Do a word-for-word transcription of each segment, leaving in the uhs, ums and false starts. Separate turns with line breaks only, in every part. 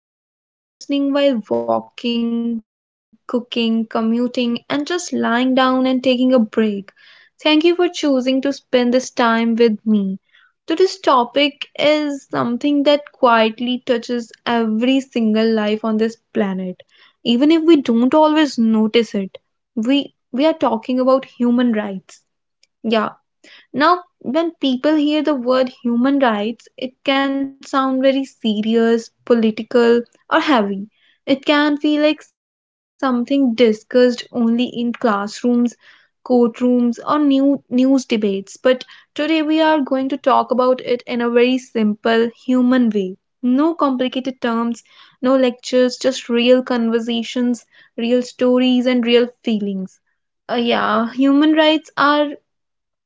today. Whether you are listening while walking, cooking, commuting, and just lying down and taking a break, thank you for choosing to spend this time with me. Today's topic is something that quietly touches every single life on this planet, even if we don't always notice it. We we are talking about human rights. Yeah, now, when people hear the word human rights, it can sound very serious, political, or heavy. It can feel like something discussed only in classrooms, courtrooms, or new news debates. But today we are going to talk about it in a very simple human way. No complicated terms, no lectures, just real conversations, real stories, and real feelings. Uh, yeah, human rights are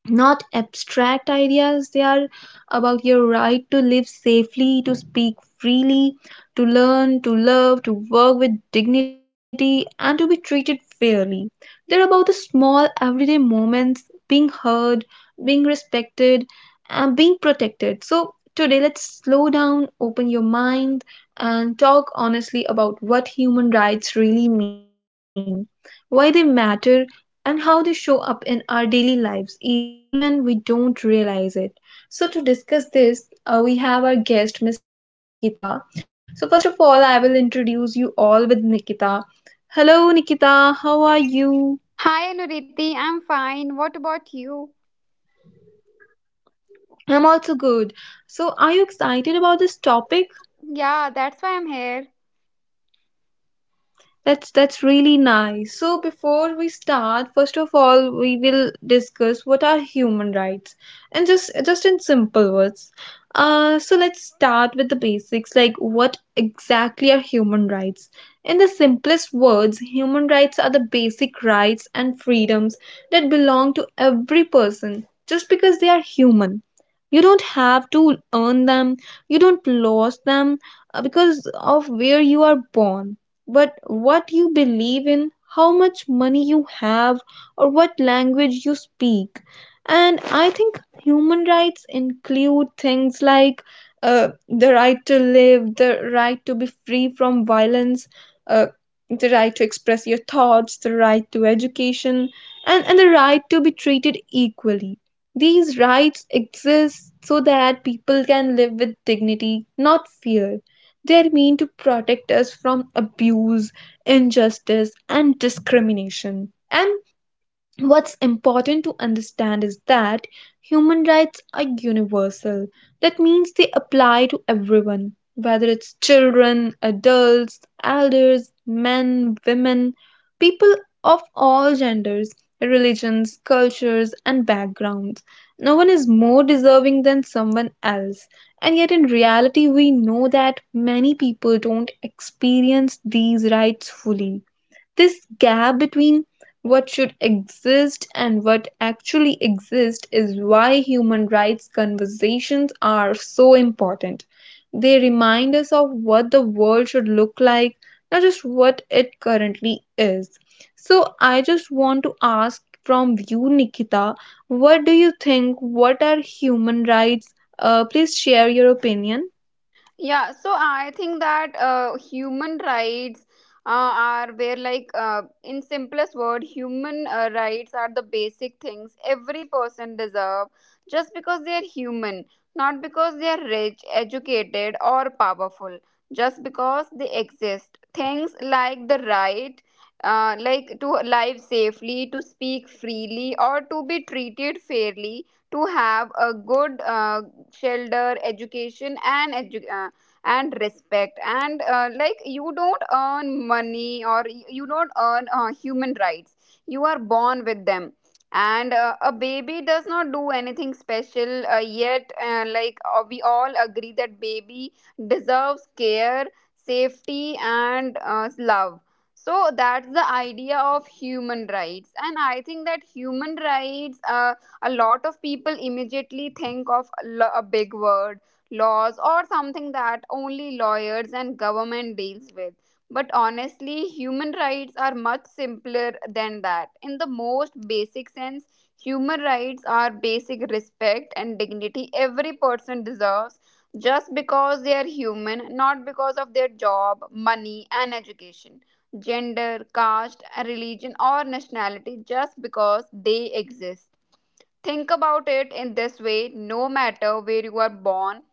not abstract ideas. They are about your right to live safely, to speak freely, to learn, to love, to work with dignity, and to be treated fairly. They're about the small everyday moments: being heard, being respected, and being protected. So today let's slow down, open your mind, and talk honestly about what human rights really mean, why they matter, and how they show up in our daily lives, even when we don't realize it. So, to discuss this, uh, we have our guest, Miss Nikita. So, first of all, I will introduce you all with Nikita. Hello, Nikita, how are you?
Hi Anuriti, I'm fine. What about you?
I'm also good. So, are you excited about this topic?
Yeah, that's why I'm here.
That's that's really nice. So before we start, first of all, we will discuss what are human rights, and just just in simple words. Uh, so let's start with the basics, like what exactly are human rights? In the simplest words, human rights are the basic rights and freedoms that belong to every person just because they are human. You don't have to earn them. You don't lose them uh, because of where you are born, but what you believe in, how much money you have, or what language you speak. And I think human rights include things like uh, the right to live, the right to be free from violence, uh, the right to express your thoughts, the right to education, and, and the right to be treated equally. These rights exist so that people can live with dignity, not fear. They're meant to protect us from abuse, injustice, and discrimination. And what's important to understand is that human rights are universal. That means they apply to everyone, whether it's children, adults, elders, men, women, people of all genders, religions, cultures, and backgrounds. No one is more deserving than someone else. And yet, in reality, we know that many people don't experience these rights fully. This gap between what should exist and what actually exists is why human rights conversations are so important. They remind us of what the world should look like, not just what it currently is. So, I just want to ask from you, Nikita, what do you think? What are human rights? Uh, please share your opinion.
Yeah, so I think that uh, human rights uh, are where, like, uh, in simplest word, human uh, rights are the basic things every person deserve just because they are human, not because they are rich, educated, or powerful. Just because they exist. Things like the right uh, like to live safely, to speak freely, or to be treated fairly to have a good uh, shelter education and edu- uh, and respect and uh, like you don't earn money or y- you don't earn uh, human rights. You are born with them. And uh, a baby does not do anything special uh, yet, uh, like uh, we all agree that baby deserves care, safety, and uh, love. So that's the idea of human rights. And I think that human rights, uh, a lot of people immediately think of a lo- a big word, laws or something that only lawyers and government deals with, but honestly human rights are much simpler than that. In the most basic sense, human rights are basic respect and dignity every person deserves just because they are human, not because of their job, money, and education, gender, caste, religion, or nationality. Just because they exist. Think about it in this way: no matter where you are born,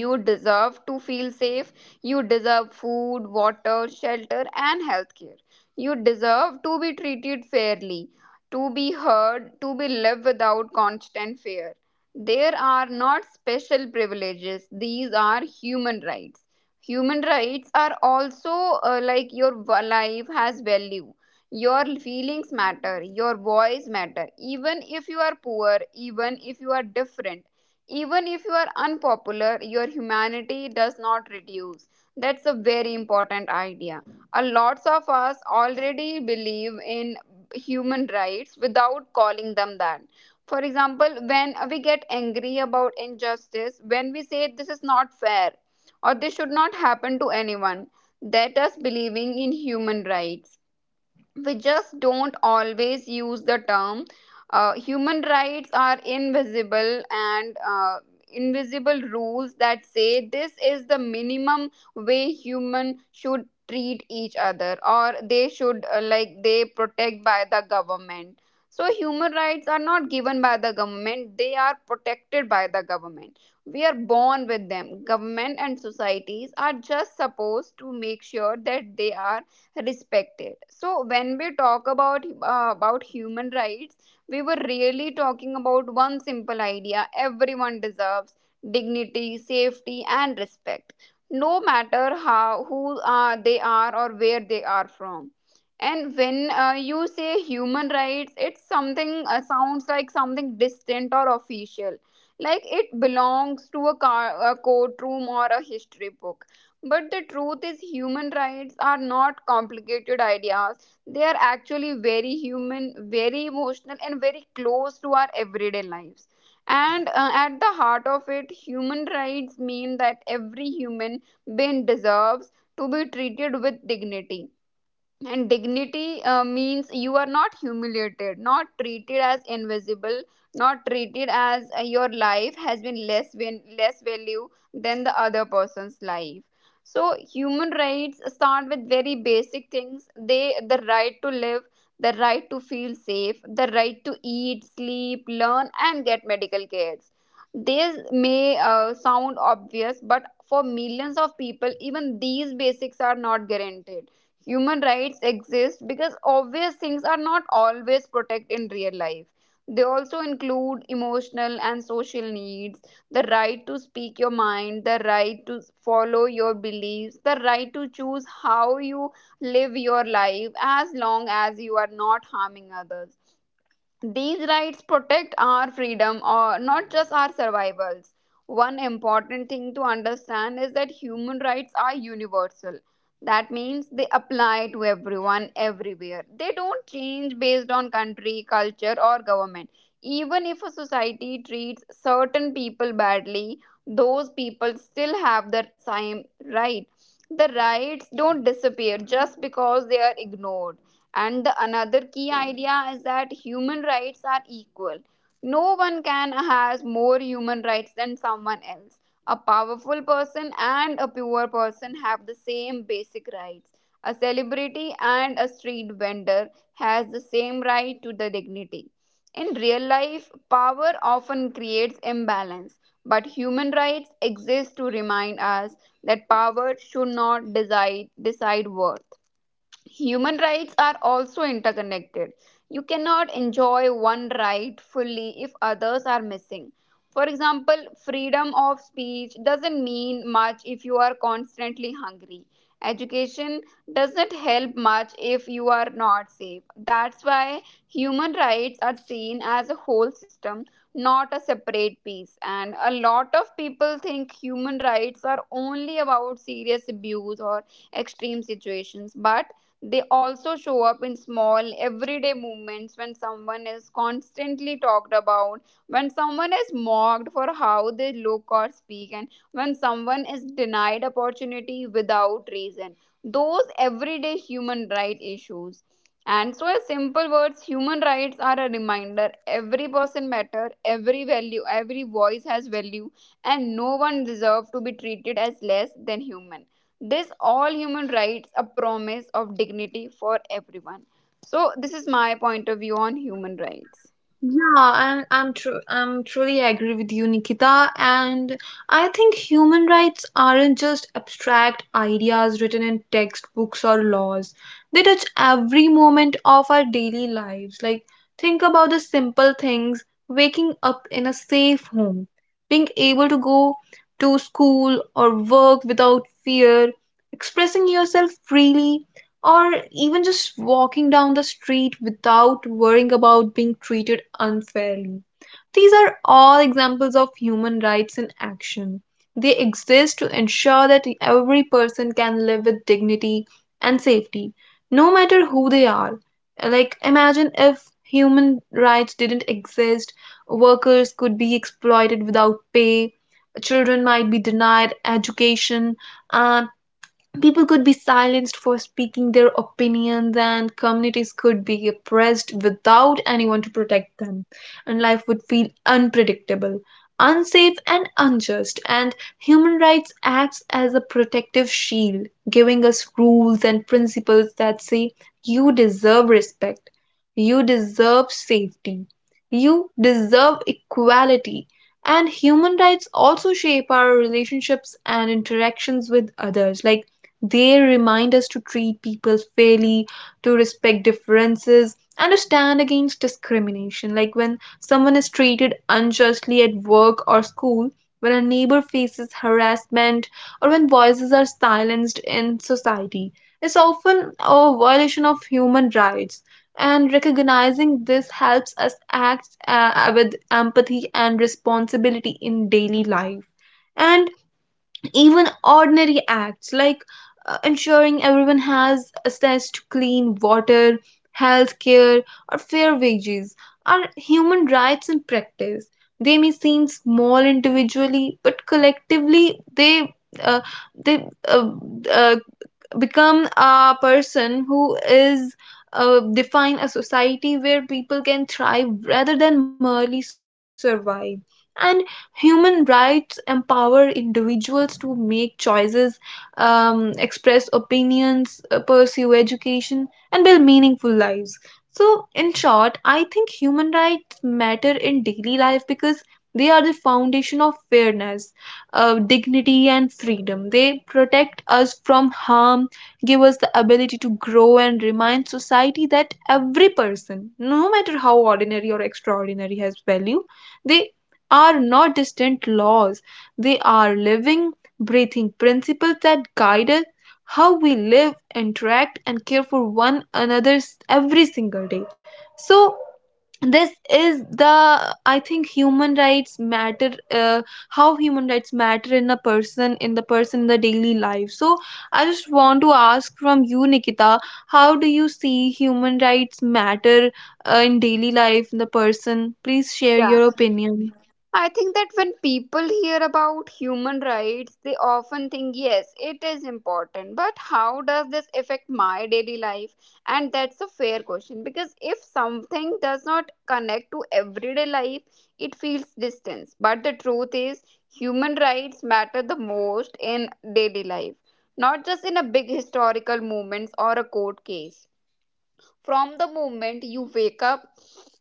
you deserve to feel safe. You deserve food, water, shelter, and healthcare. You deserve to be treated fairly, to be heard, to be lived without constant fear. There are not special privileges, these are human rights. Human rights are also, uh, like your v- life has value. Your feelings matter, your voice matter, even if you are poor, even if you are different, even if you are unpopular, your humanity does not reduce. That's a very important idea. A lots of us already believe in human rights without calling them that. For example, when we get angry about injustice, when we say this is not fair or this should not happen to anyone, that is believing in human rights. We just don't always use the term. Uh, human rights are invisible and, uh, invisible rules that say this is the minimum way human should treat each other, or they should, uh, like they protect by the government. So human rights are not given by the government, they are protected by the government. We are born with them. Government and societies are just supposed to make sure that they are respected. So when we talk about, uh, about human rights, we were really talking about one simple idea: everyone deserves dignity, safety, and respect, no matter how, who uh, they are or where they are from. And when, uh, you say human rights, it's something, uh, sounds like something distant or official, like it belongs to a, car, a courtroom, or a history book. But the truth is, human rights are not complicated ideas. They are actually very human, very emotional, and very close to our everyday lives. And uh, at the heart of it, human rights mean that every human being deserves to be treated with dignity. And dignity uh, means you are not humiliated, not treated as invisible, not treated as, uh, your life has been less val- less value than the other person's life. So human rights start with very basic things. They the right to live, the right to feel safe, the right to eat, sleep, learn, and get medical cares. These may uh, sound obvious, but for millions of people, even these basics are not guaranteed. Human rights exist because obvious things are not always protected in real life. They also include emotional and social needs, the right to speak your mind, the right to follow your beliefs, the right to choose how you live your life as long as you are not harming others. These rights protect our freedom or not just our survivals. One important thing to understand is that human rights are universal. That means they apply to everyone everywhere. They don't change based on country, culture, or government. Even if a society treats certain people badly, those people still have the same right. The rights don't disappear just because they are ignored. And the another key idea is that human rights are equal. No one can has more human rights than someone else. A powerful person and a poor person have the same basic rights. A celebrity and a street vendor has the same right to the dignity. In real life power often creates imbalance, but human rights exist to remind us that power should not decide decide worth. Human rights are also interconnected. You cannot enjoy one right fully if others are missing. For example, freedom of speech doesn't mean much if you are constantly hungry. Education doesn't help much if you are not safe. That's why human rights are seen as a whole system, not a separate piece. And a lot of people think human rights are only about serious abuse or extreme situations, but they also show up in small, everyday movements when someone is constantly talked about, when someone is mocked for how they look or speak, and when someone is denied opportunity without reason. Those everyday human rights issues. And so, in simple words, human rights are a reminder every person matter, every value, every voice has value, and no one deserves to be treated as less than human. This all human rights a promise of dignity for everyone. So this is my point of view on human rights.
Yeah, I'm I'm true I'm truly agree with you, Nikita. And I think human rights aren't just abstract ideas written in textbooks or laws. They touch every moment of our daily lives. Like, think about the simple things: waking up in a safe home, being able to go to school or work without fear, expressing yourself freely, or even just walking down the street without worrying about being treated unfairly. These are all examples of human rights in action. They exist to ensure that every person can live with dignity and safety, no matter who they are. Like, imagine if human rights didn't exist: workers could be exploited without pay, children might be denied education, and people could be silenced for speaking their opinions, and communities could be oppressed without anyone to protect them, and life would feel unpredictable, unsafe, and unjust. And human rights acts as a protective shield, giving us rules and principles that say you deserve respect, you deserve safety, you deserve equality. And human rights also shape our relationships and interactions with others. Like, they remind us to treat people fairly, to respect differences, and to stand against discrimination. Like when someone is treated unjustly at work or school, when a neighbor faces harassment, or when voices are silenced in society. It's often a violation of human rights. And recognizing this helps us act uh, with empathy and responsibility in daily life. And even ordinary acts like uh, ensuring everyone has access to clean water, health care, or fair wages are human rights in practice. They may seem small individually, but collectively they uh, they uh, uh, become a person who is uh, define a society where people can thrive rather than merely survive. And human rights empower individuals to make choices, um, express opinions, uh, pursue education, and build meaningful lives. So in short, I think human rights matter in daily life because they are the foundation of fairness, uh, dignity, and freedom. They protect us from harm, give us the ability to grow, and remind society that every person, no matter how ordinary or extraordinary, has value. They are not distant laws, they are living, breathing principles that guide us how we live, interact, and care for one another every single day. So, this is the I think human rights matter uh, how human rights matter in a person in the person in the daily life. So I just want to ask from you, Nikita, how do you see human rights matter uh, in daily life in the person. Please share your
Yeah,
opinion.
I think that when people hear about human rights, they often think, yes, it is important, but how does this affect my daily life? And that's a fair question because if something does not connect to everyday life, it feels distance. But the truth is, human rights matter the most in daily life, not just in a big historical moments or a court case. From the moment you wake up,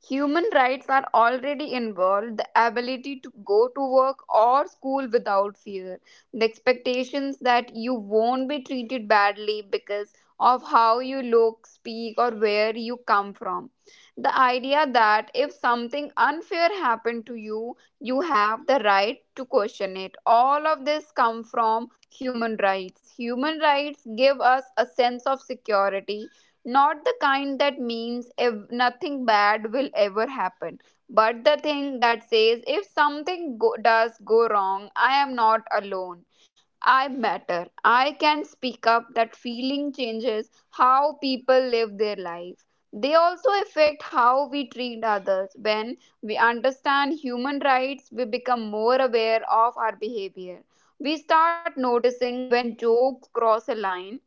human rights are already involved, the ability to go to work or school without fear, the expectations that you won't be treated badly because of how you look, speak, or where you come from. The idea that if something unfair happened to you, you have the right to question it. All of this come from human rights. Human rights give us a sense of security, not the kind that means ev- nothing bad will ever happen, but the thing that says if something go- does go wrong, I am not alone. I matter. I can speak up. That feeling changes how people live their life. They also affect how we treat others. When we understand human rights, we become more aware of our behavior. We start noticing when jokes cross a line,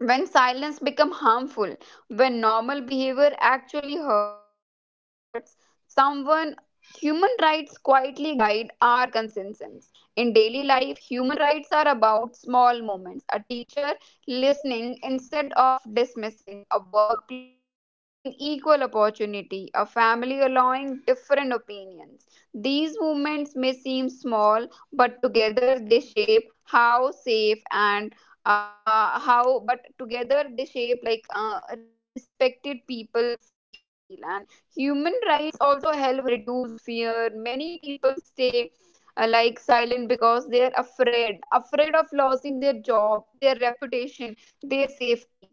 when silence becomes harmful, when normal behavior actually hurts someone, human rights quietly guide our consistence. In daily life, human rights are about small movements. A teacher listening instead of dismissing, a workplace giving equal opportunity, a family allowing different opinions. These movements may seem small, but together they shape how safe and, uh, how but together they shape like uh, respected people feel. And human rights also help reduce fear. Many people stay, uh, like silent because they are afraid afraid of losing their job, their reputation, their safety.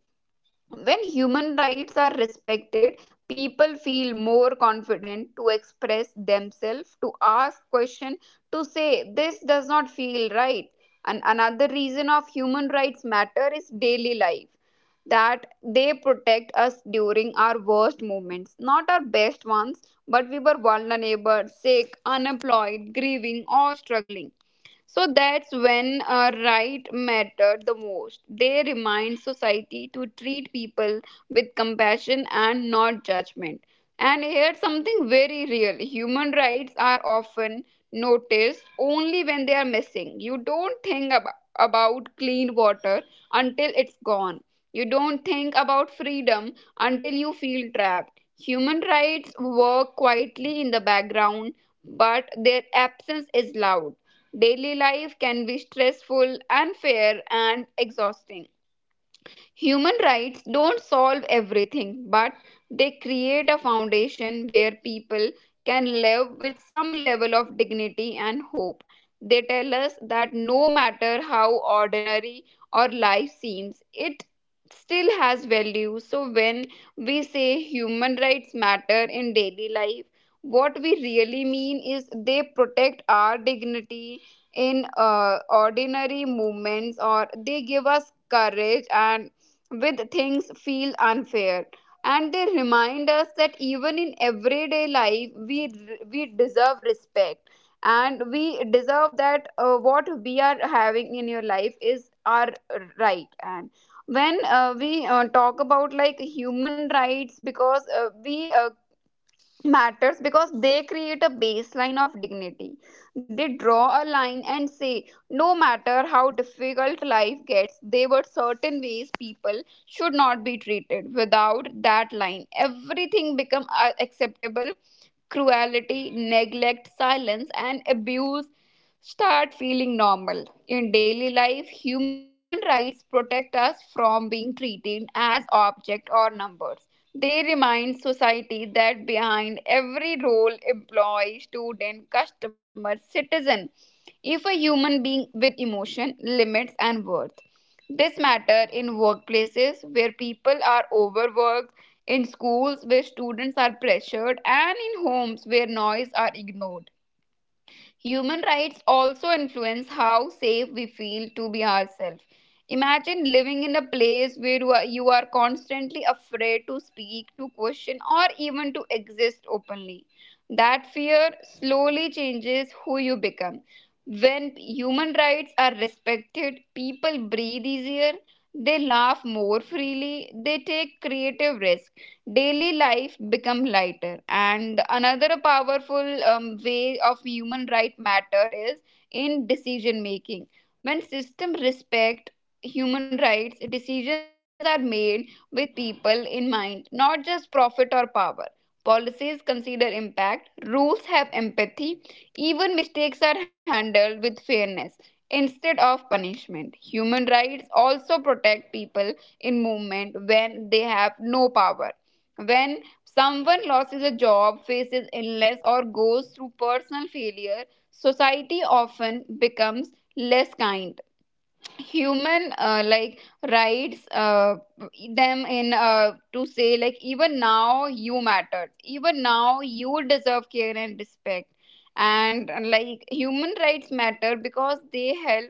When human rights are respected, people feel more confident to express themselves, to ask questions, to say, this does not feel right. And another reason of human rights matter is daily life, that they protect us during our worst moments, not our best ones, but we were vulnerable, sick, unemployed, grieving, or struggling. So that's when uh, right mattered the most. They remind society to treat people with compassion and not judgment. And here's something very real: human rights are often noticed only when they are missing. You don't think ab- about clean water until it's gone. You don't think about freedom until you feel trapped. Human rights work quietly in the background, but their absence is loud. Daily life can be stressful, unfair, and exhausting. Human rights don't solve everything, but they create a foundation where people can live with some level of dignity and hope. They tell us that no matter how ordinary our life seems, it still has value. So, when we say human rights matter in daily life, what we really mean is they protect our dignity in uh, ordinary moments, or they give us courage and with things feel unfair, and they remind us that even in everyday life, we we deserve respect, and we deserve that, uh, what we are having in your life is our right. And when uh, we uh, talk about like human rights, because uh, we uh, matters because they create a baseline of dignity. They draw a line and say, no matter how difficult life gets, there were certain ways people should not be treated. Without that line, everything become uh, acceptable. Cruelty, neglect, silence, and abuse start feeling normal. In daily life, human rights protect us from being treated as objects or numbers. They remind society that behind every role, employee, student, customer, citizen, if a human being with emotion, limits, and worth. This matter in workplaces where people are overworked, in schools where students are pressured, and in homes where noise are ignored. Human rights also influence how safe we feel to be ourselves. Imagine living in a place where you are you are constantly afraid to speak, to question, or even to exist openly. That fear slowly changes who you become. When human rights are respected, people breathe easier, they laugh more freely, they take creative risks. Daily life become lighter, and another powerful um, way of human right matter is in decision making. When system respect human rights, decisions are made with people in mind, not just profit or power. Policies consider impact, rules have empathy, even mistakes are handled with fairness instead of punishment. Human rights also protect people in movement when they have no power. When someone loses a job, faces illness, or goes through personal failure, society often becomes less kind. Human uh, like rights uh, them in, uh, to say, like, even now you matter, even now you deserve care and respect. And uh, like, human rights matter because they help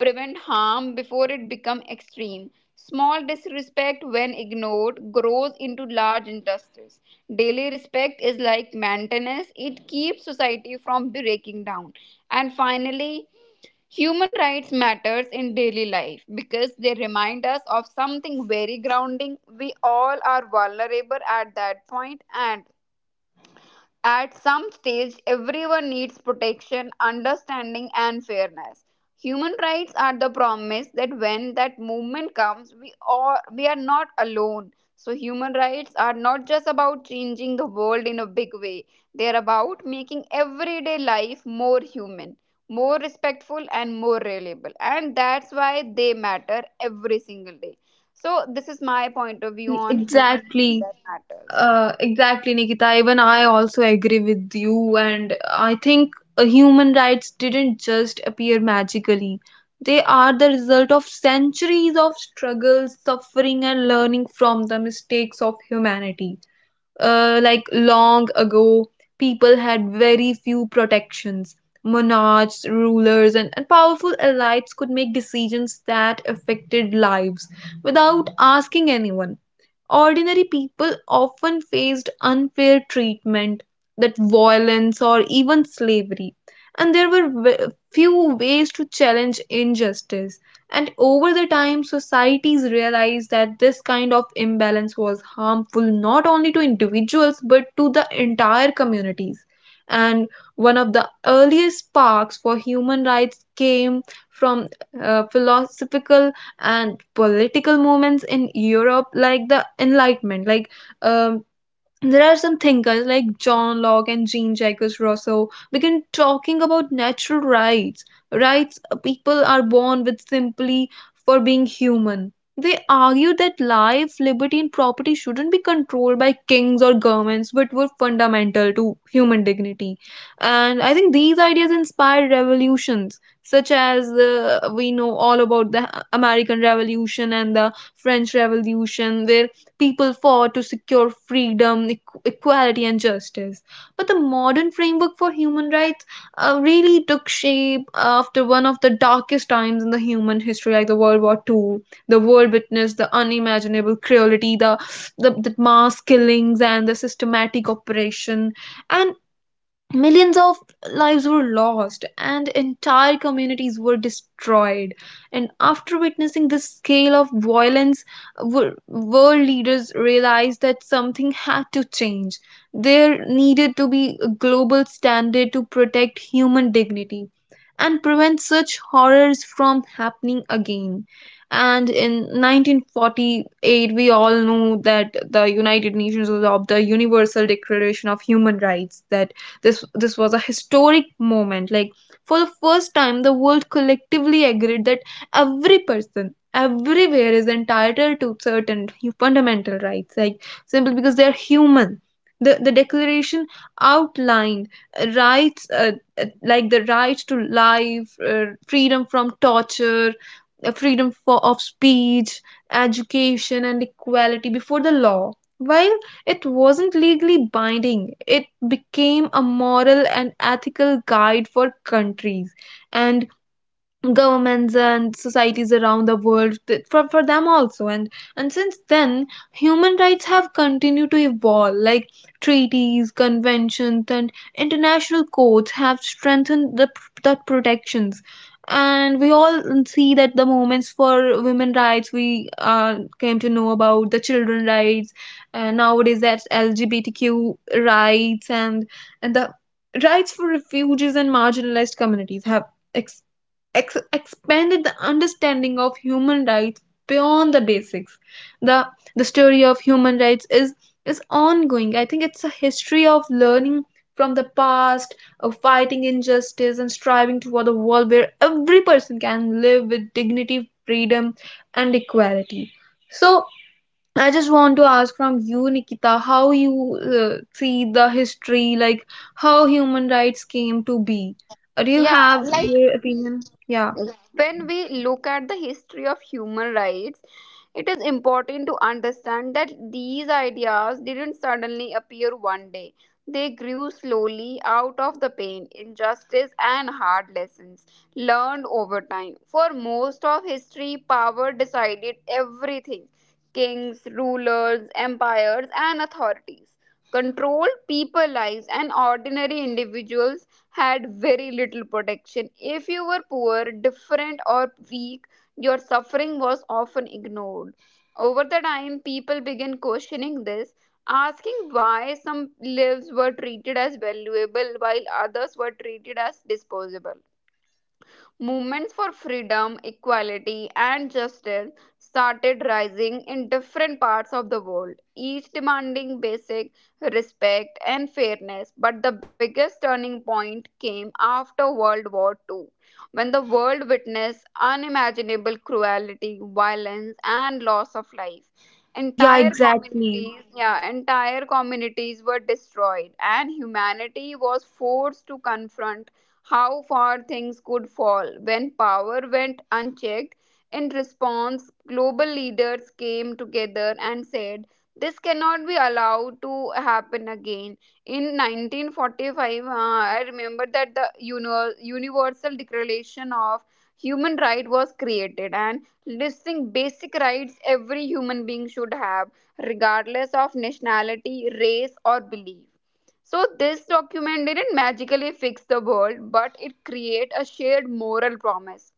prevent harm before it become extreme. Small disrespect, when ignored, grows into large injustice. Daily respect is like maintenance, it keeps society from breaking down. And finally, human rights matters in daily life because they remind us of something very grounding. We all are vulnerable at that point, and at some stage, everyone needs protection, understanding, and fairness. Human rights are the promise that when that movement comes, we are, we are not alone. So, human rights are not just about changing the world in a big way, they are about making everyday life more human, more respectful, and more reliable. And that's why they matter every single day. So, this is my point of view
E-
on human rights
Exactly.
that matters.
Uh, exactly, Nikita. Even I also agree with you, and I think uh, human rights didn't just appear magically. They are the result of centuries of struggles, suffering, and learning from the mistakes of humanity. Uh, like long ago, people had very few protections. Monarchs, rulers, and, and powerful elites could make decisions that affected lives without asking anyone. Ordinary people often faced unfair treatment, that violence, or even slavery, and there were ve- few ways to challenge injustice. And over the time, societies realized that this kind of imbalance was harmful not only to individuals but to the entire communities. And one of the earliest sparks for human rights came from uh, philosophical and political movements in Europe, like the Enlightenment. Like, um there are some thinkers like John Locke and Jean Jacques Rousseau begin talking about natural rights. Rights uh, people are born with simply for being human. They argue that life, liberty, and property shouldn't be controlled by kings or governments but were fundamental to human dignity. And I think these ideas inspired revolutions, such as, uh, we know all about the American Revolution and the French Revolution, where people fought to secure freedom, equ- equality, and justice. But the modern framework for human rights uh, really took shape after one of the darkest times in the human history, like the World War two. The world witnessed the unimaginable cruelty, the, the, the mass killings, and the systematic oppression. And millions of lives were lost and entire communities were destroyed. And after witnessing this scale of violence, wor- world leaders realized that something had to change. There needed to be a global standard to protect human dignity and prevent such horrors from happening again. And in nineteen forty-eight, we all know that the United Nations adopted the Universal Declaration of Human Rights. That this this was a historic moment. Like, for the first time, the world collectively agreed that every person everywhere is entitled to certain fundamental rights, like simply because they are human. The, the declaration outlined uh, rights uh, uh, like the right to life, uh, freedom from torture, uh, freedom for, of speech, education, and equality before the law. While it wasn't legally binding, it became a moral and ethical guide for countries. And governments and societies around the world th- for, for them also. and and since then, human rights have continued to evolve. Like, treaties, conventions, and international courts have strengthened the, pr- the protections, and we all see that the movements for women rights, we uh, came to know about the children rights, and nowadays that's LGBTQ rights, and and the rights for refugees and marginalized communities have ex ex- expanded the understanding of human rights beyond the basics. The the story of human rights is is ongoing. I think it's a history of learning from the past, of fighting injustice and striving toward a world where every person can live with dignity, freedom, and equality. So, I just want to ask from you, Nikita, how you uh, see the history, like how human rights came to be. Uh, Do you
Yeah,
have
like,
your opinion? Yeah.
when we look at the history of human rights, it is important to understand that these ideas didn't suddenly appear one day. They grew slowly out of the pain, injustice, and hard lessons learned over time. For most of history, power decided everything: kings, rulers, empires, and authorities controlled people lives, and ordinary individuals had very little protection. If you were poor, different, or weak, your suffering was often ignored. Over the time, people began questioning this, asking why some lives were treated as valuable while others were treated as disposable. Movements for freedom, equality, and justice started rising in different parts of the world, each demanding basic respect and fairness. But the biggest turning point came after World War the Second, when the world witnessed unimaginable cruelty, violence, and loss of life.
Yeah,
Entire
exactly.
communities, yeah, entire communities were destroyed, and humanity was forced to confront how far things could fall when power went unchecked. In response, global leaders came together and said, this cannot be allowed to happen again. In nineteen forty-five, uh, I remember that the uni- Universal Declaration of Human Right was created, and listing basic rights every human being should have, regardless of nationality, race, or belief. So, this document didn't magically fix the world, but it created a shared moral promise,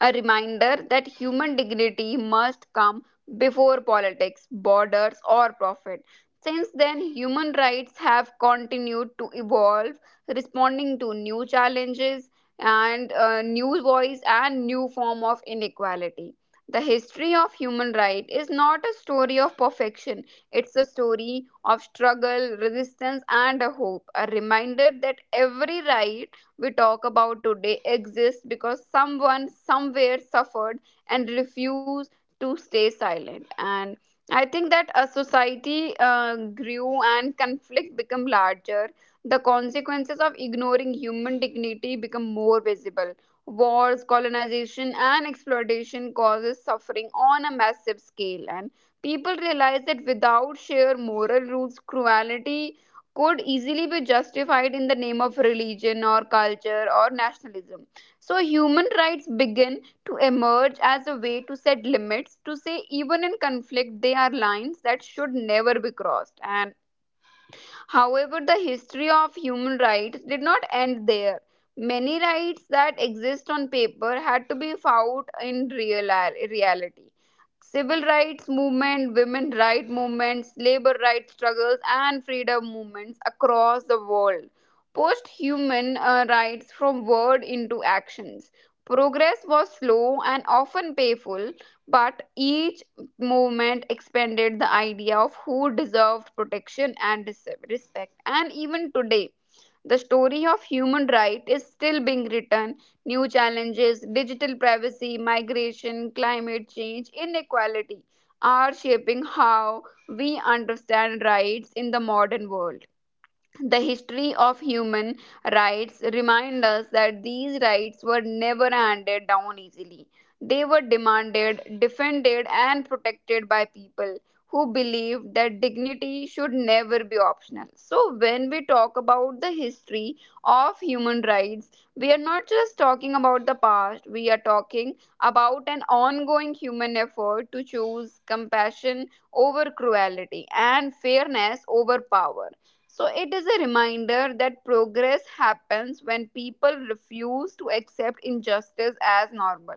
a reminder that human dignity must come before politics, borders, or profit. Since then, human rights have continued to evolve, responding to new challenges and uh, new voice and new form of inequality. The history of human right is not a story of perfection. It's a story of struggle, resistance, and a hope. A reminder that every right we talk about today exists because someone somewhere suffered and refused to stay silent. And I think that a society uh, grew and conflict become larger. The consequences of ignoring human dignity become more visible. Wars, colonization, and exploitation causes suffering on a massive scale, and people realize that without shared moral rules, cruelty could easily be justified in the name of religion, or culture, or nationalism. So, human rights begin to emerge as a way to set limits, to say, even in conflict, they are lines that should never be crossed. And, however, the history of human rights did not end there. Many rights that exist on paper had to be fought in real reality. Civil rights movement, women right movements, labor rights struggles, and freedom movements across the world. Post human uh, rights from word into actions. Progress was slow and often painful, but each movement expanded the idea of who deserved protection and dis- respect. And even today, the story of human rights is still being written. New challenges, digital privacy, migration, climate change, inequality, are shaping how we understand rights in the modern world. The history of human rights reminds us that these rights were never handed down easily. They were demanded, defended, and protected by people who believed that dignity should never be optional. So, when we talk about the history of human rights, we are not just talking about the past, we are talking about an ongoing human effort to choose compassion over cruelty and fairness over power. So, it is a reminder that progress happens when people refuse to accept injustice as normal.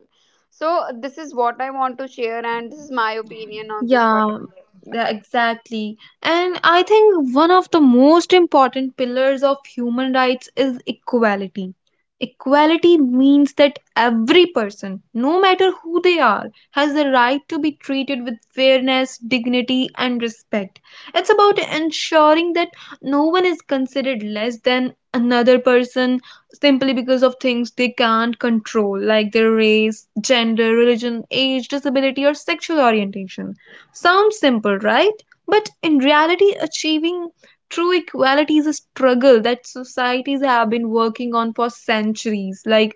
So, this is what I want to share, and this is my opinion on this
Yeah,
particular.
yeah, exactly. And I think one of the most important pillars of human rights is equality. Equality means that every person, no matter who they are, has the right to be treated with fairness, dignity, and respect. It's about ensuring that no one is considered less than another person simply because of things they can't control, like their race, gender, religion, age, disability, or sexual orientation. Sounds simple, right? But in reality, achieving true equality is a struggle that societies have been working on for centuries. Like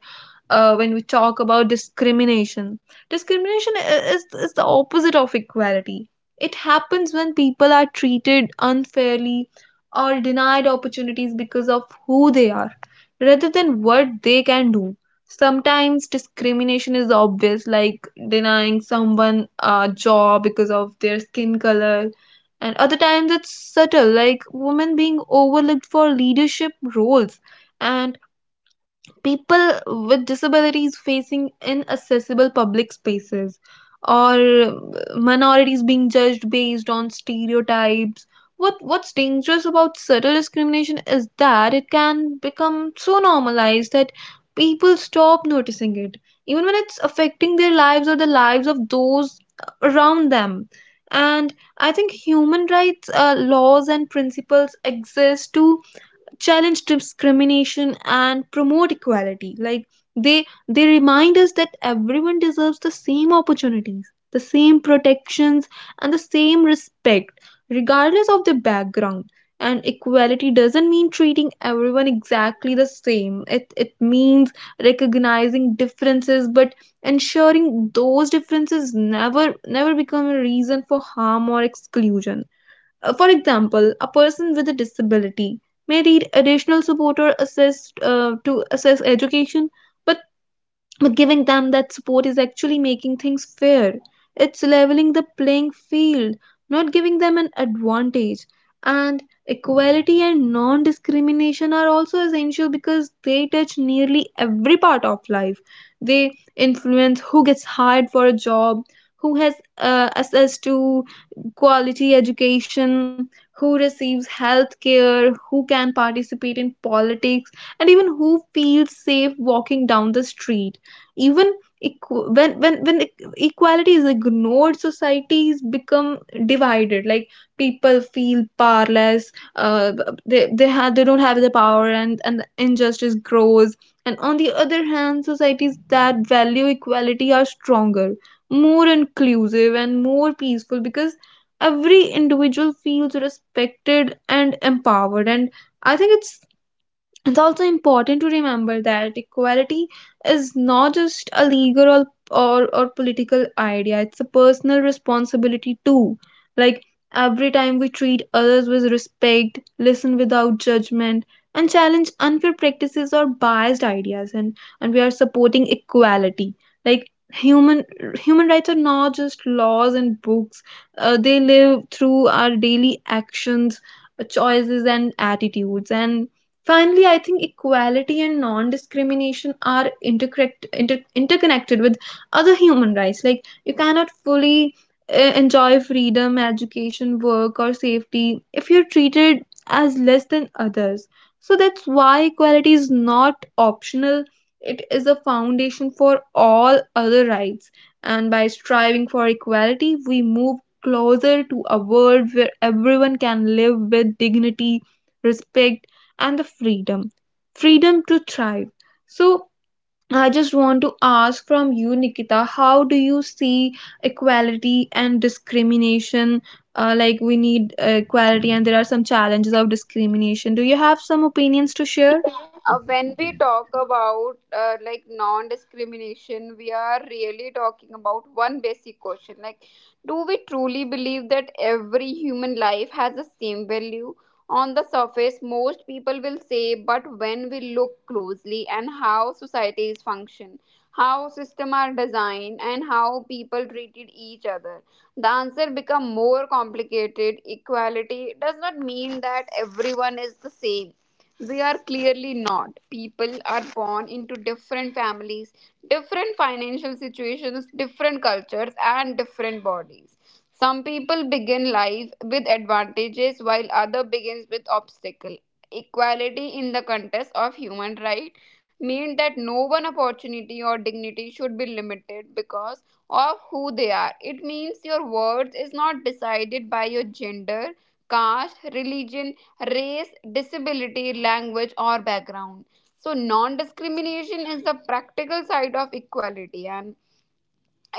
uh, when we talk about discrimination, discrimination i- is, is the opposite of equality. It happens when people are treated unfairly or denied opportunities because of who they are rather than what they can do. Sometimes discrimination is obvious, like denying someone a job because of their skin color, and other times it's subtle, like women being overlooked for leadership roles, and people with disabilities facing inaccessible public spaces, or minorities being judged based on stereotypes. What what's dangerous about subtle discrimination is that it can become so normalized that people stop noticing it, even when it's affecting their lives or the lives of those around them. And I think human rights uh, laws and principles exist to challenge discrimination and promote equality. Like they they remind us that everyone deserves the same opportunities, the same protections, and the same respect, regardless of their background. And equality doesn't mean treating everyone exactly the same. It it means recognizing differences, but ensuring those differences never never become a reason for harm or exclusion. Uh, For example, a person with a disability may need additional support or assist uh, to assess education, but but giving them that support is actually making things fair. It's leveling the playing field, not giving them an advantage. And equality and non discrimination are also essential because they touch nearly every part of life. They influence who gets hired for a job, who has uh, access to quality education, who receives health care, who can participate in politics, and even who feels safe walking down the street. Even equ- when when when e- equality is, like, ignored, societies become divided. Like people feel powerless, uh, they they have they don't have the power, and and injustice grows. And on the other hand, societies that value equality are stronger, more inclusive, and more peaceful, because every individual feels respected and empowered. And I think it's it's also important to remember that equality is not just a legal or, or, or political idea, it's a personal responsibility too. Like every time we treat others with respect, listen without judgment, and challenge unfair practices or biased ideas, and and we are supporting equality. Like human human rights are not just laws and books, uh, they live through our daily actions, uh, choices, and attitudes. And finally, I think equality and non discrimination are interconnect, inter, interconnected with other human rights. Like, you cannot fully uh, enjoy freedom, education, work, or safety if you're treated as less than others. So, that's why equality is not optional, it is a foundation for all other rights. And by striving for equality, we move closer to a world where everyone can live with dignity, respect, and the freedom freedom to thrive. So I just want to ask from you, Nikita, how do you see equality and discrimination? Uh, like, we need uh, equality, and there are some challenges of discrimination. Do you have some opinions to share?
Uh, when we talk about uh, like non-discrimination, we are really talking about one basic question: like, do we truly believe that every human life has the same value? On the surface, most people will say, but when we look closely and how societies function, how systems are designed, and how people treated each other, the answer become more complicated. Equality does not mean that everyone is the same, they are clearly not. People are born into different families, different financial situations, different cultures, and different bodies. Some people begin life with advantages while other begins with obstacle. Equality in the contest of human right mean that no one opportunity or dignity should be limited because of who they are. It means your worth is not decided by your gender, caste, religion, race, disability, language, or background. So, non discrimination is the practical side of equality, and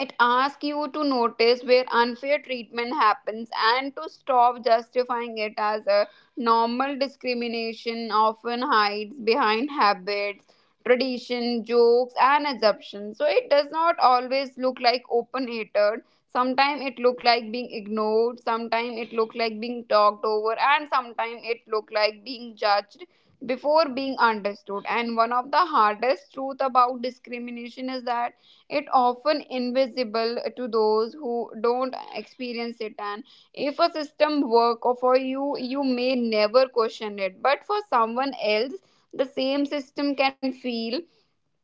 it asks you to notice where unfair treatment happens and to stop justifying it as a normal. Discrimination often hides behind habits, tradition, jokes, and assumptions. So, it does not always look like open hatred. Sometimes it look like being ignored, sometimes it look like being talked over, and sometimes it look like being judged before being understood. And one of the hardest truth about discrimination is that it often invisible to those who don't experience it. And if a system work or for you, you may never question it, but for someone else the same system can feel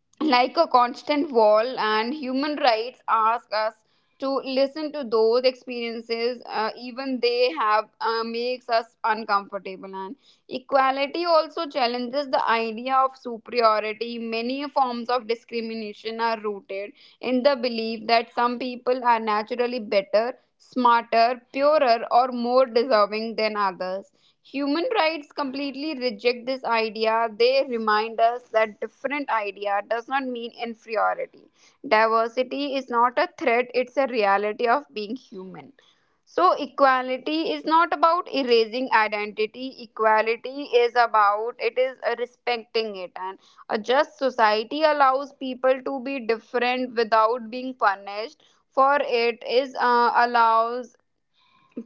like a constant wall. And human rights ask us to listen to those experiences, uh, even they have, uh, makes us uncomfortable. And equality also challenges the idea of superiority. Many forms of discrimination are rooted in the belief that some people are naturally better, smarter, purer, or more deserving than others. Human rights completely reject this idea. They remind us that different idea does not mean inferiority. Diversity is not a threat, it's a reality of being human. So, equality is not about erasing identity. Equality is about it is uh, respecting it. And a just society allows people to be different without being punished for it is uh, allows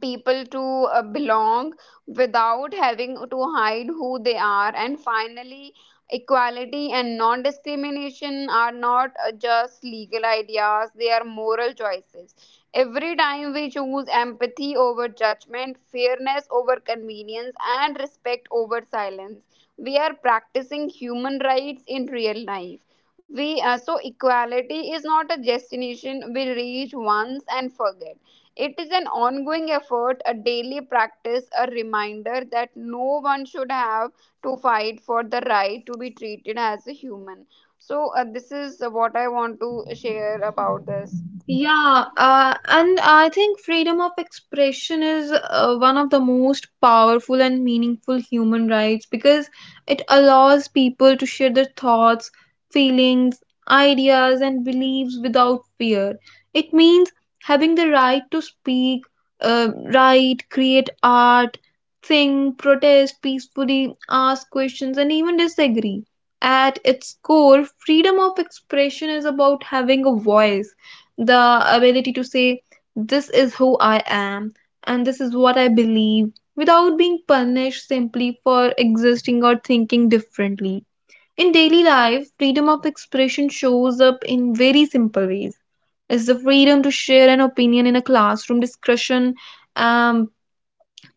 people to uh, belong without having to hide who they are. And finally, equality and non discrimination are not uh, just legal ideas, they are moral choices. Every time we choose empathy over judgment, fairness over convenience, and respect over silence, we are practicing human rights in real life. We uh, So, equality is not a destination we reach once and forget, it is an ongoing effort, a daily practice, a reminder that no one should have to fight for the right to be treated as a human. So, uh, this is what I want to share about this.
Yeah, uh, and I think freedom of expression is uh, one of the most powerful and meaningful human rights, because it allows people to share their thoughts, feelings, ideas, and beliefs without fear. It means having the right to speak, uh, write, create art, sing, protest peacefully, ask questions, and even disagree. At its core, freedom of expression is about having a voice, the ability to say, "This is who I am and this is what I believe," without being punished simply for existing or thinking differently. In daily life, freedom of expression shows up in very simple ways. It's the freedom to share an opinion in a classroom discussion, um,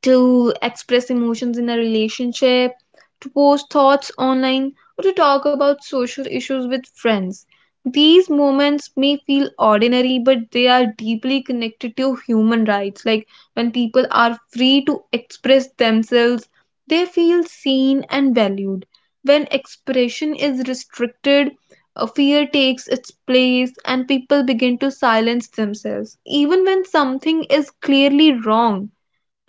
to express emotions in a relationship, to post thoughts online, or to talk about social issues with friends. These moments may feel ordinary, but they are deeply connected to human rights. Like when people are free to express themselves, they feel seen and valued. When expression is restricted, uh, fear takes its place and people begin to silence themselves, even when something is clearly wrong.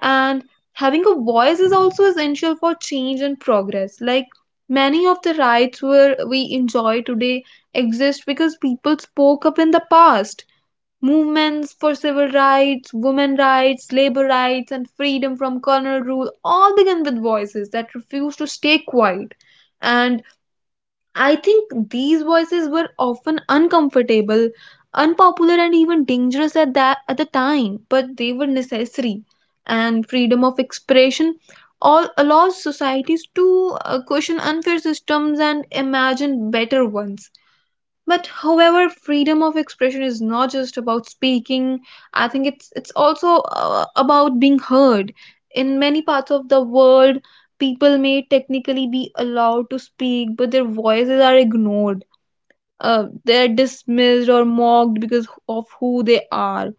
And having a voice is also essential for change and progress. Like many of the rights where we enjoy today exist because people spoke up in the past. Movements for civil rights, women rights, labor rights, and freedom from colonial rule all began with voices that refused to stay quiet. And I think these voices were often uncomfortable, unpopular, and even dangerous at that at the time, but they were necessary. And freedom of expression all allows societies to uh, question unfair systems and imagine better ones. But however, freedom of expression is not just about speaking. I think it's it's also uh, about being heard. In many parts of the world, people may technically be allowed to speak, but their voices are ignored. Uh, they're dismissed or mocked because of who they are.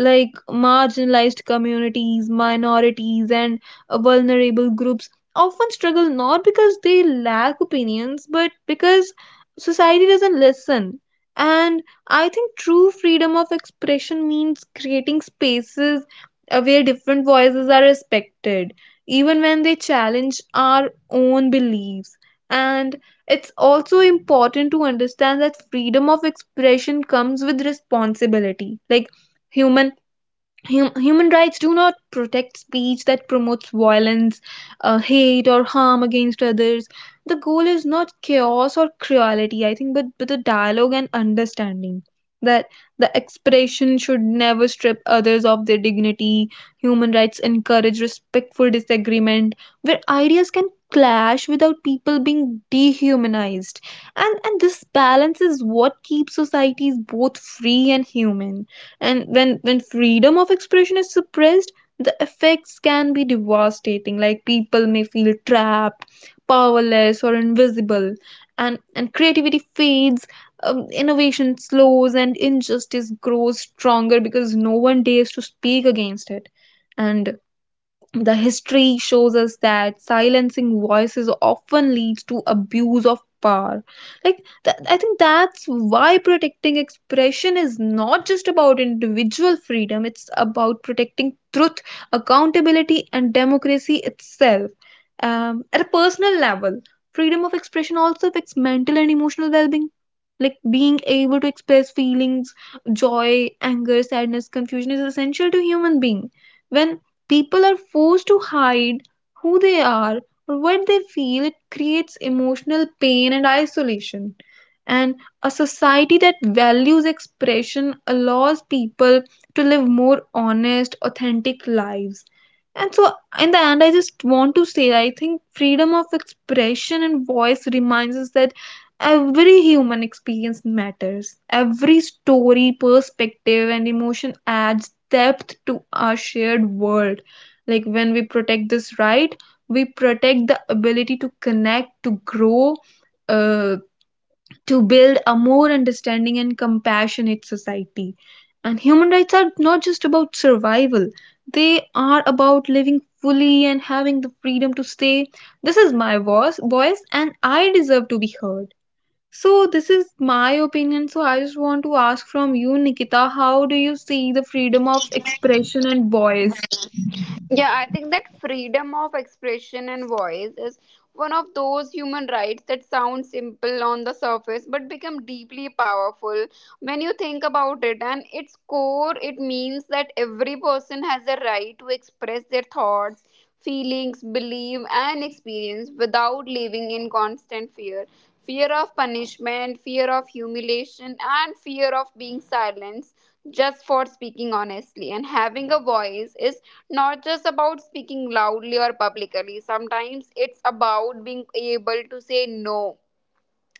Like marginalized communities, minorities, and uh, vulnerable groups often struggle not because they lack opinions, but because society doesn't listen. And I think true freedom of expression means creating spaces uh, where different voices are respected, even when they challenge our own beliefs. And it's also important to understand that freedom of expression comes with responsibility. Like human Hum- human rights do not protect speech that promotes violence, uh, hate, or harm against others. The goal is not chaos or cruelty, I think, but but the dialogue and understanding. That the expression should never strip others of their dignity. Human rights encourage respectful disagreement where ideas can clash without people being dehumanized. And and this balance is what keeps societies both free and human. And when when freedom of expression is suppressed, the effects can be devastating. Like people may feel trapped, powerless, or invisible, and and creativity fades, um, innovation slows, and injustice grows stronger because no one dares to speak against it. And the history shows us that silencing voices often leads to abuse of power. Like, th- I think that's why protecting expression is not just about individual freedom, it's about protecting truth, accountability, and democracy itself. Um, at a personal level, freedom of expression also affects mental and emotional well being. Like, being able to express feelings, joy, anger, sadness, confusion, is essential to human being. When people are forced to hide who they are or what they feel, it creates emotional pain and isolation. And a society that values expression allows people to live more honest, authentic lives. And so, in the end, I just want to say, I think freedom of expression and voice reminds us that every human experience matters. Every story, perspective, and emotion adds depth to our shared world. Like when we protect this right, we protect the ability to connect, to grow, uh, to build a more understanding and compassionate society. And human rights are not just about survival, they are about living fully and having the freedom to say, "This is my voice voice and I deserve to be heard." So this is my opinion. So I just want to ask from you, Nikita, how do you see the freedom of expression and voice?
Yeah, I think that freedom of expression and voice is one of those human rights that sound simple on the surface but become deeply powerful when you think about it. And its core, it means that every person has a right to express their thoughts, feelings, belief, and experience without living in constant fear. Fear of punishment, fear of humiliation, and fear of being silenced just for speaking honestly. And having a voice is not just about speaking loudly or publicly. Sometimes it's about being able to say no,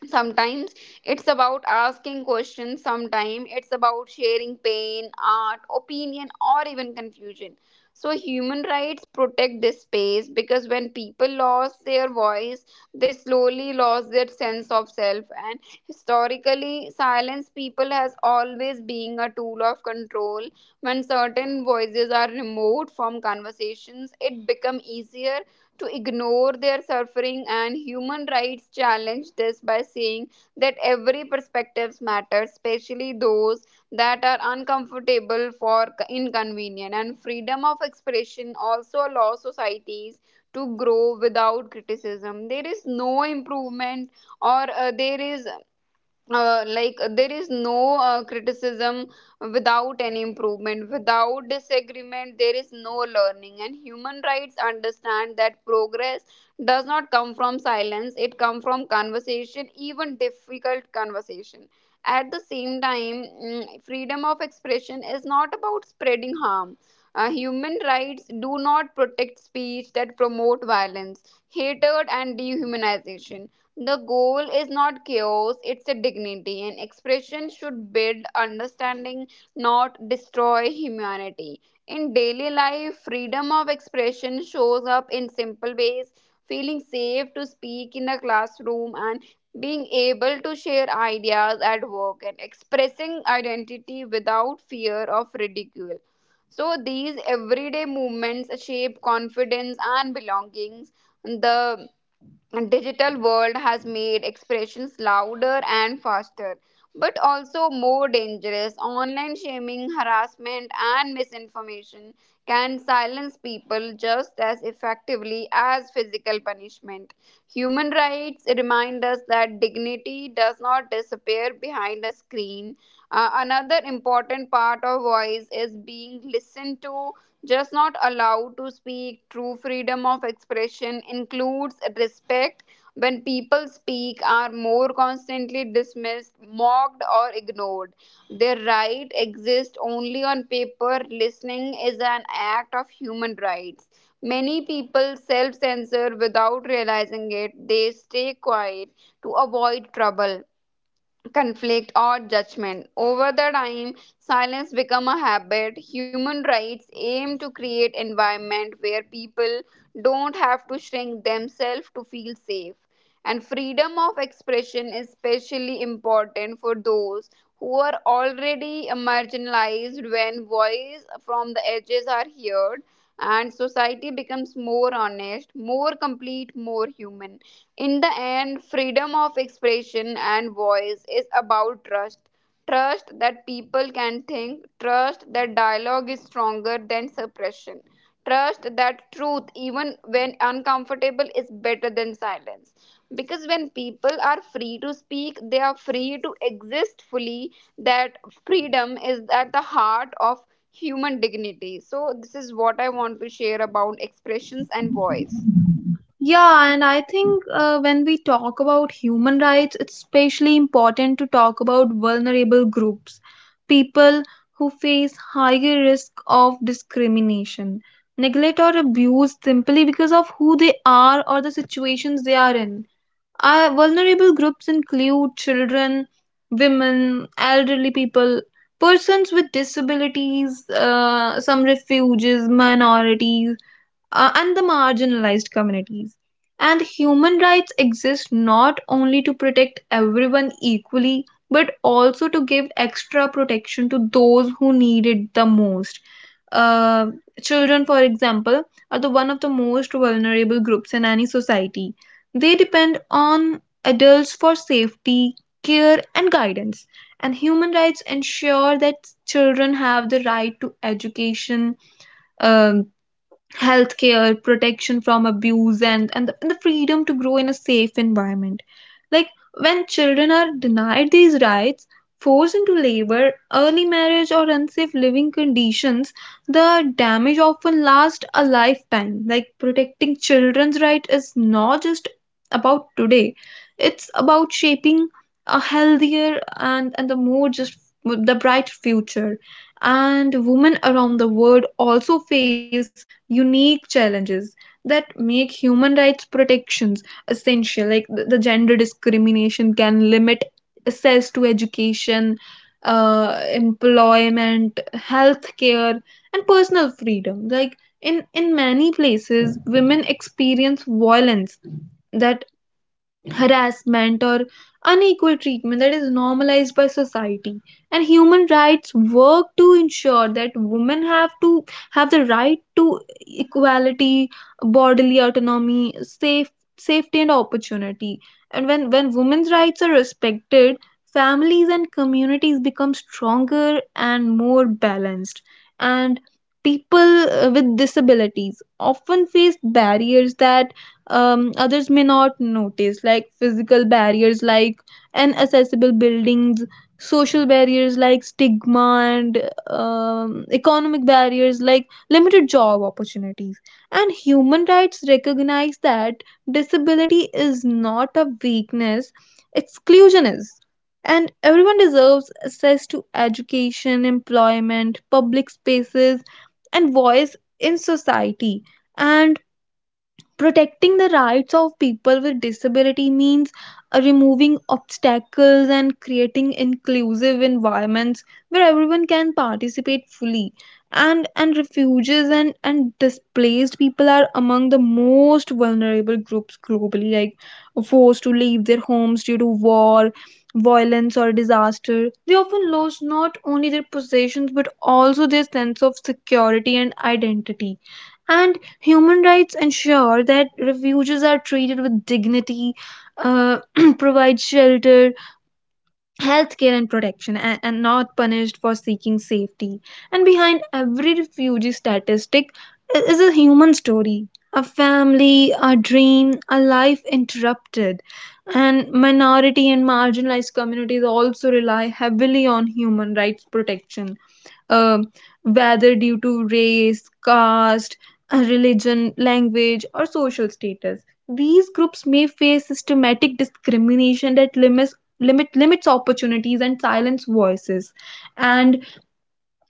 sometimes it's about asking questions, sometimes it's about sharing pain, art, opinion, or even confusion. So human rights protect this space, because when people lost their voice, they slowly lost their sense of self. And historically, silence people has always been a tool of control. When certain voices are removed from conversations, it become easier to ignore their suffering, and human rights challenge this by saying that every perspective matters, especially those that are uncomfortable for inconvenient. And freedom of expression also allows societies to grow without criticism. There is no improvement, or uh, there is uh, like there is no uh, criticism without any improvement. Without disagreement there is no learning, and human rights understand that progress does not come from silence, it comes from conversation, even difficult conversation. At the same time, mm, freedom of expression is not about spreading harm. Uh, human rights do not protect speech that promote violence, hatred, and dehumanization. The goal is not chaos, it's a dignity, and expression should build understanding, not destroy humanity. In daily life, freedom of expression shows up in simple ways: feeling safe to speak in the classroom, and being able to share ideas at work, and expressing identity without fear of ridicule. So, these everyday movements shape confidence and belongings. The digital world has made expressions louder and faster, but also more dangerous. Online shaming, harassment, and misinformation can silence people just as effectively as physical punishment. Human rights remind us that dignity does not disappear behind a screen. Uh, another important part of voice is being listened to, just not allowed to speak. True freedom of expression includes respect. When people speak are more constantly dismissed, mocked, or ignored, their right exists only on paper. Listening is an act of human rights. Many people self censor without realizing it. They stay quiet to avoid trouble, conflict, or judgment. Over the time silence become a habit. Human rights aim to create environment where people don't have to shrink themselves to feel safe. And freedom of expression is especially important for those who are already marginalized. When voice from the edges are heard, and society becomes more honest, more complete, more human. In the end, freedom of expression and voice is about trust. Trust that people can think, trust that dialogue is stronger than suppression, trust that truth, even when uncomfortable, is better than silence. Because when people are free to speak, they are free to exist fully. That freedom is at the heart of human dignity. So, this is what I want to share about expressions and voice.
Yeah, and I think uh, when we talk about human rights, it's especially important to talk about vulnerable groups, people who face higher risk of discrimination, neglect, or abuse simply because of who they are or the situations they are in. Uh, vulnerable groups include children, women, elderly people, persons with disabilities, uh, some refugees, minorities, uh, and the marginalized communities. And human rights exist not only to protect everyone equally, but also to give extra protection to those who need it the most. Uh, Children, for example, are the one of the most vulnerable groups in any society. They depend on adults for safety, care, and guidance. And human rights ensure that children have the right to education, um, healthcare, protection from abuse, and, and, the, and the freedom to grow in a safe environment. Like when children are denied these rights, forced into labor, early marriage, or unsafe living conditions, the damage often lasts a lifetime. Like protecting children's rights is not just about today, it's about shaping a healthier and, and the more just the bright future. And women around the world also face unique challenges that make human rights protections essential. Like the, the gender discrimination can limit access to education, uh, employment, healthcare, and personal freedom. Like in in many places, women experience violence that harassment or unequal treatment that is normalized by society, and human rights work to ensure that women have to have the right to equality, bodily autonomy, safe safety, and opportunity. And when when women's rights are respected, families and communities become stronger and more balanced. And people uh, with disabilities often face barriers that um, others may not notice, like physical barriers like inaccessible buildings, social barriers like stigma, and um, economic barriers like limited job opportunities. And human rights recognize that disability is not a weakness, exclusion is. And everyone deserves access to education, employment, public spaces, and voice in society. And protecting the rights of people with disability means uh, removing obstacles and creating inclusive environments where everyone can participate fully. And and refugees and, and displaced people are among the most vulnerable groups globally, like forced to leave their homes due to war, violence, or disaster. They often lose not only their possessions but also their sense of security and identity, and human rights ensure that refugees are treated with dignity, uh, provide shelter, healthcare, and protection, and, and not punished for seeking safety. And behind every refugee statistic i- is a human story, a family, a dream, a life interrupted. And minority and marginalized communities also rely heavily on human rights protection, um whether due to race, caste, uh, religion, language, or social status. These groups may face systematic discrimination that limits limit limits opportunities and silence voices. And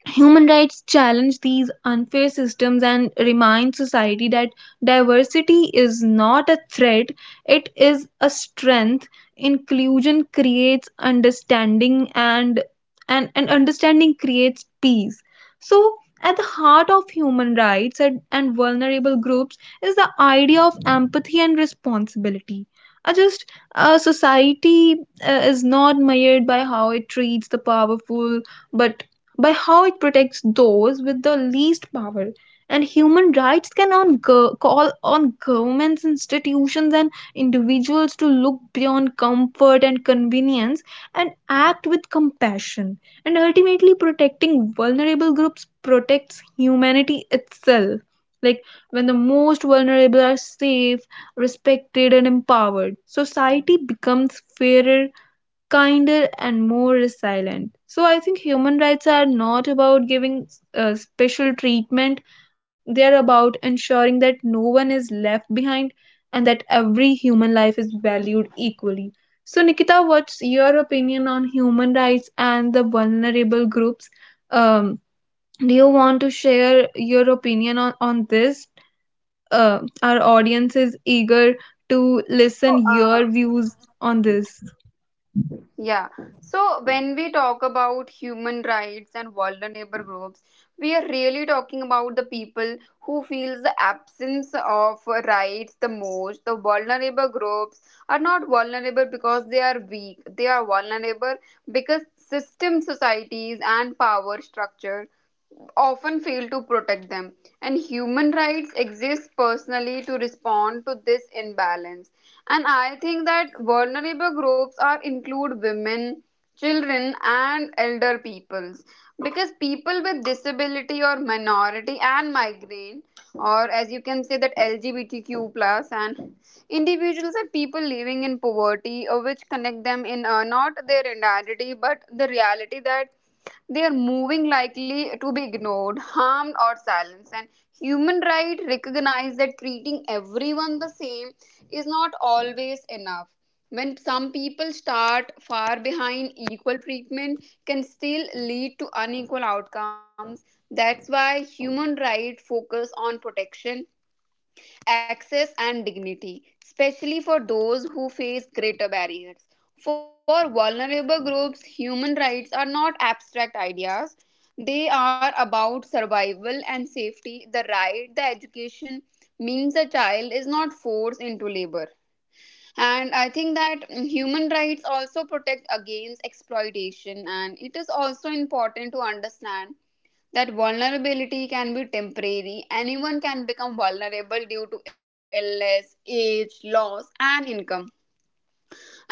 human rights challenge these unfair systems and remind society that diversity is not a threat, it is a strength. Inclusion creates understanding, and and, and understanding creates peace. So at the heart of human rights and, and vulnerable groups is the idea of empathy and responsibility. A just uh, society uh, is not measured by how it treats the powerful, but by how it protects those with the least power. And human rights can on go- call on governments, institutions, and individuals to look beyond comfort and convenience and act with compassion. And ultimately, protecting vulnerable groups protects humanity itself. Like when the most vulnerable are safe, respected, and empowered, society becomes fairer, kinder, and more resilient. So I think human rights are not about giving uh, special treatment, they are about ensuring that no one is left behind and that every human life is valued equally. So Nikita, what's your opinion on human rights and the vulnerable groups? um, do you want to share your opinion on, on this? Uh, our audience is eager
Yeah.
to listen
So,
your
uh,
views on this.
Yeah. So when we talk about human rights and vulnerable groups, we are really talking about the people who feels the absence of rights the most. The vulnerable groups are not vulnerable because they are weak. They are vulnerable because system societies and power structure often fail to protect them. And human rights exist personally to respond to this imbalance. And I think that vulnerable groups are include women, children, and elder peoples, because people with disability or minority and migrant, or as you can say that L G B T Q plus and individuals are people living in poverty, uh, which connect them in, uh, not their identity, but the reality that they are moving likely to be ignored, harmed, or silenced. And human rights recognize that treating everyone the same is not always enough. When some people start far behind, equal treatment can still lead to unequal outcomes. That's why human rights focus on protection, access, and dignity, especially for those who face greater barriers. For vulnerable groups, human rights are not abstract ideas. They are about survival and safety. The right, the education means a child is not forced into labor. And I think that, mm, human rights also protect against exploitation, and it is also important to understand that vulnerability can be temporary. Anyone can become vulnerable due to illness, age, loss, and income,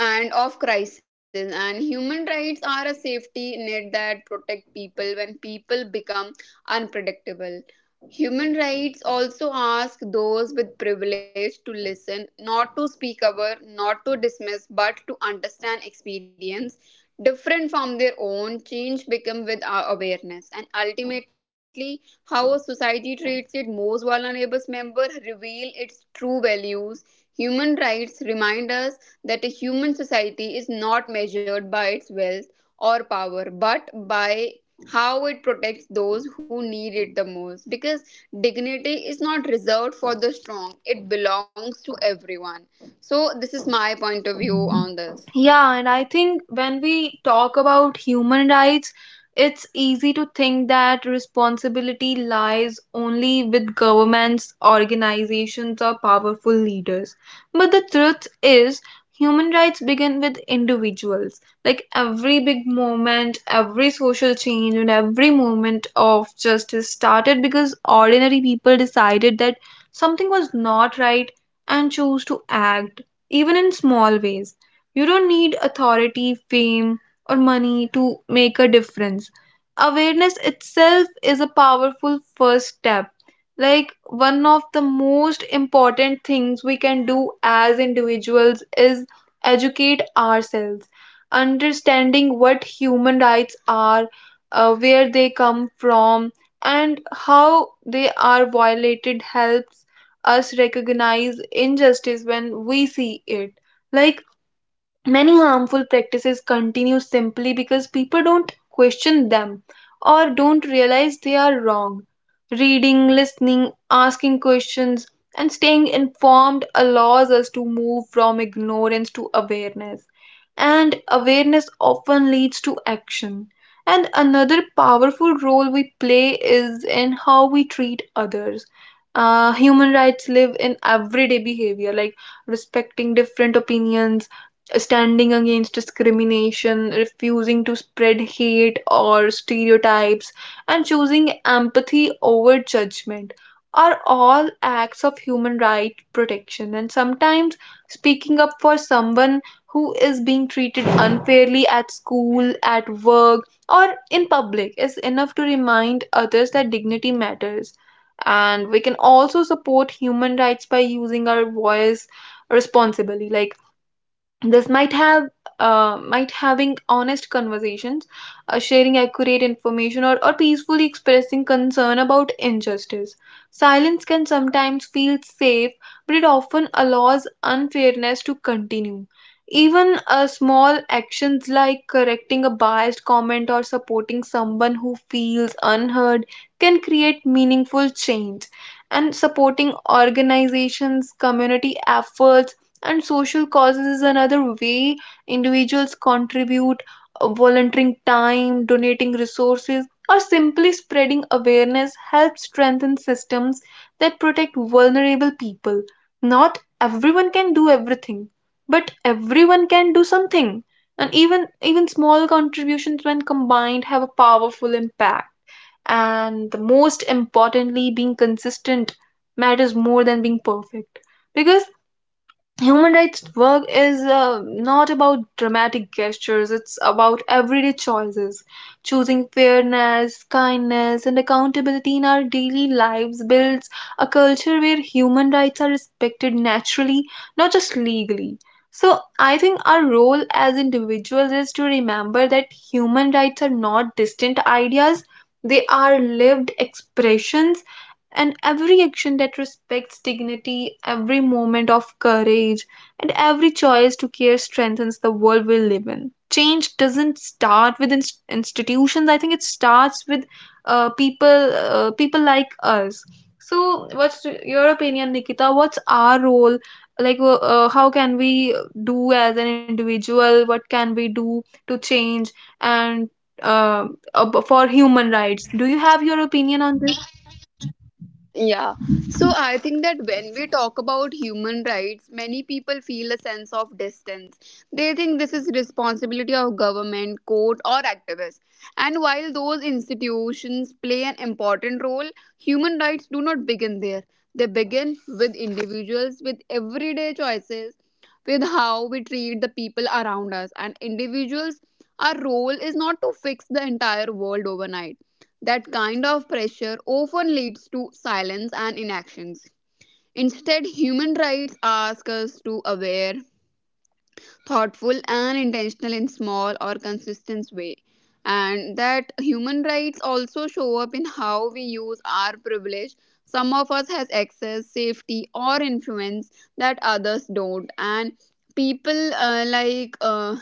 and of crisis. And human rights are a safety net that protect people when people become unpredictable. Human rights also ask those with privilege to listen, not to speak over, not to dismiss, but to understand experience different from their own. Change become with our awareness, and ultimately, how a society treats its most vulnerable member reveal its true values. Human rights remind us that a human society is not measured by its wealth or power, but by how it protects those who need it the most. Because dignity is not reserved for the strong, it belongs to everyone. So, this is my point of view on this.
Yeah, and I think when we talk about human rights, it's easy to think that responsibility lies only with governments, organizations, or powerful leaders. But the truth is, human rights begin with individuals. Like every big movement, every social change, and every movement of justice started because ordinary people decided that something was not right and chose to act, even in small ways. You don't need authority, fame, or money to make a difference. Awareness itself is a powerful first step. Like one of the most important things we can do as individuals is educate ourselves, understanding what human rights are, uh, where they come from, and how they are violated helps us recognize injustice when we see it. Like many harmful practices continue simply because people don't question them or don't realize they are wrong. Reading, listening, asking questions, and staying informed allows us to move from ignorance to awareness. And awareness often leads to action. And another powerful role we play is in how we treat others. Uh, human rights live in everyday behavior, like respecting different opinions, standing against discrimination, refusing to spread hate or stereotypes, and choosing empathy over judgment are all acts of human right protection. And sometimes speaking up for someone who is being treated unfairly at school, at work, or in public is enough to remind others that dignity matters. And we can also support human rights by using our voice responsibly. Like this might have uh, might having honest conversations, uh, sharing accurate information, or, or peacefully expressing concern about injustice. Silence can sometimes feel safe, but it often allows unfairness to continue. Even uh, small actions like correcting a biased comment or supporting someone who feels unheard can create meaningful change. And supporting organizations, community efforts, and social causes is another way individuals contribute, uh, volunteering time, donating resources, or simply spreading awareness helps strengthen systems that protect vulnerable people. Not everyone can do everything, but everyone can do something. And even even small contributions when combined have a powerful impact. And the most importantly, being consistent matters more than being perfect, because human rights work is uh, not about dramatic gestures, it's about everyday choices. Choosing fairness, kindness, and accountability in our daily lives builds a culture where human rights are respected naturally, not just legally. So, I think our role as individuals is to remember that human rights are not distant ideas, they are lived expressions, and every action that respects dignity, every moment of courage, and every choice to care strengthens the world we live in. Change doesn't start with inst- institutions. I think it starts with uh, people, uh, people like us. So, what's your opinion, Nikita? What's our role? Like, uh, uh, how can we do as an individual? What can we do to change and uh, ab- for
Yeah.
human rights? Do you have your opinion on this?
Yeah. So I think that when we talk about human rights, many people feel a sense of distance. They think this is responsibility of government, court, or activists. And while those institutions play an important role, human rights do not begin there. They begin with individuals, with everyday choices, with how we treat the people around us. And individuals, our role is not to fix the entire world overnight. That kind of pressure often leads to silence and inactions. Instead, human rights ask us to aware, thoughtful, and intentional in small or consistent way. And that human rights also show up in how we use our privilege. Some of us has access, safety, or influence that others don't. And people, uh, like uh,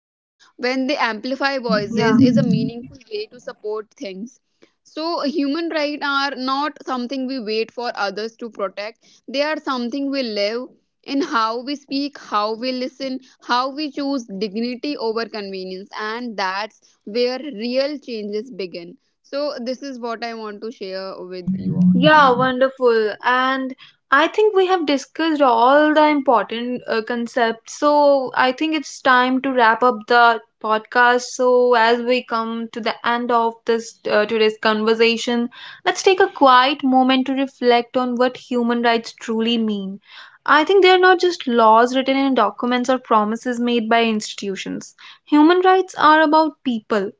when they amplify voices is a
Yeah.
meaningful way to support things. So human rights are not something we wait for others to protect, they are something we live in how we speak, how we listen, how we choose dignity over convenience. And that's where real changes begin. So this is what I want to share with you all.
Yeah, wonderful. And I think we have discussed all the important uh, concepts. So I think it's time to wrap up the podcast. So as we come to the end of this uh, today's conversation, let's take a quiet moment to reflect on what human rights truly mean. I think they are not just laws written in documents or promises made by institutions. Human rights are about people,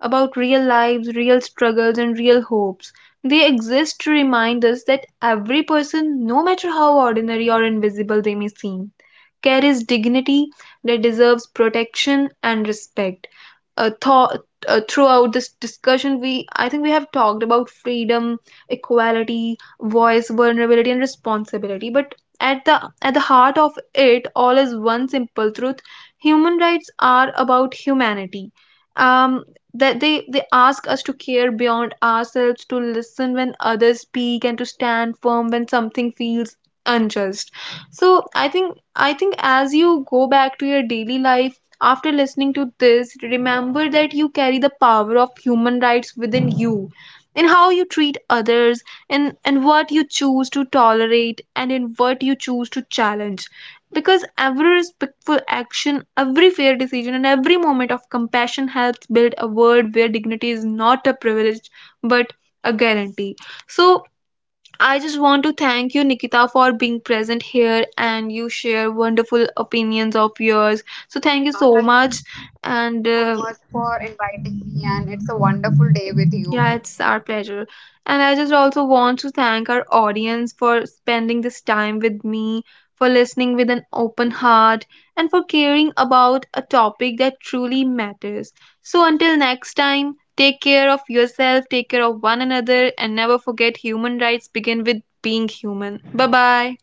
about real lives, real struggles, and real hopes. They exist to remind us that every person, no matter how ordinary or invisible they may seem, carries dignity that deserves protection and respect. Uh, thought, uh, Throughout this discussion, we I think we have talked about freedom, equality, voice, vulnerability, and responsibility. But at the at the heart of it, all is one simple truth: human rights are about humanity. Um, that they they ask us to care beyond ourselves, to listen when others speak, and to stand firm when something feels unjust. So i think i think as you go back to your daily life after listening to this, remember that you carry the power of human rights within you, in how you treat others, in and what you choose to tolerate, and in what you choose to challenge, because every respectful action, every fair decision, and every moment of compassion helps build a world where dignity is not a privilege, but a guarantee. So, I just want to thank you, Nikita, for being present here and you share wonderful opinions of yours. So, thank you
Yeah,
so
thank you
much.
so much for
And uh,
inviting me, and it's a wonderful day with you.
yeah, it's our pleasure. And I just also want to thank our audience for spending this time with me, for listening with an open heart, and for caring about a topic that truly matters. So until next time, take care of yourself, take care of one another, and never forget human rights begin with being human. Bye bye.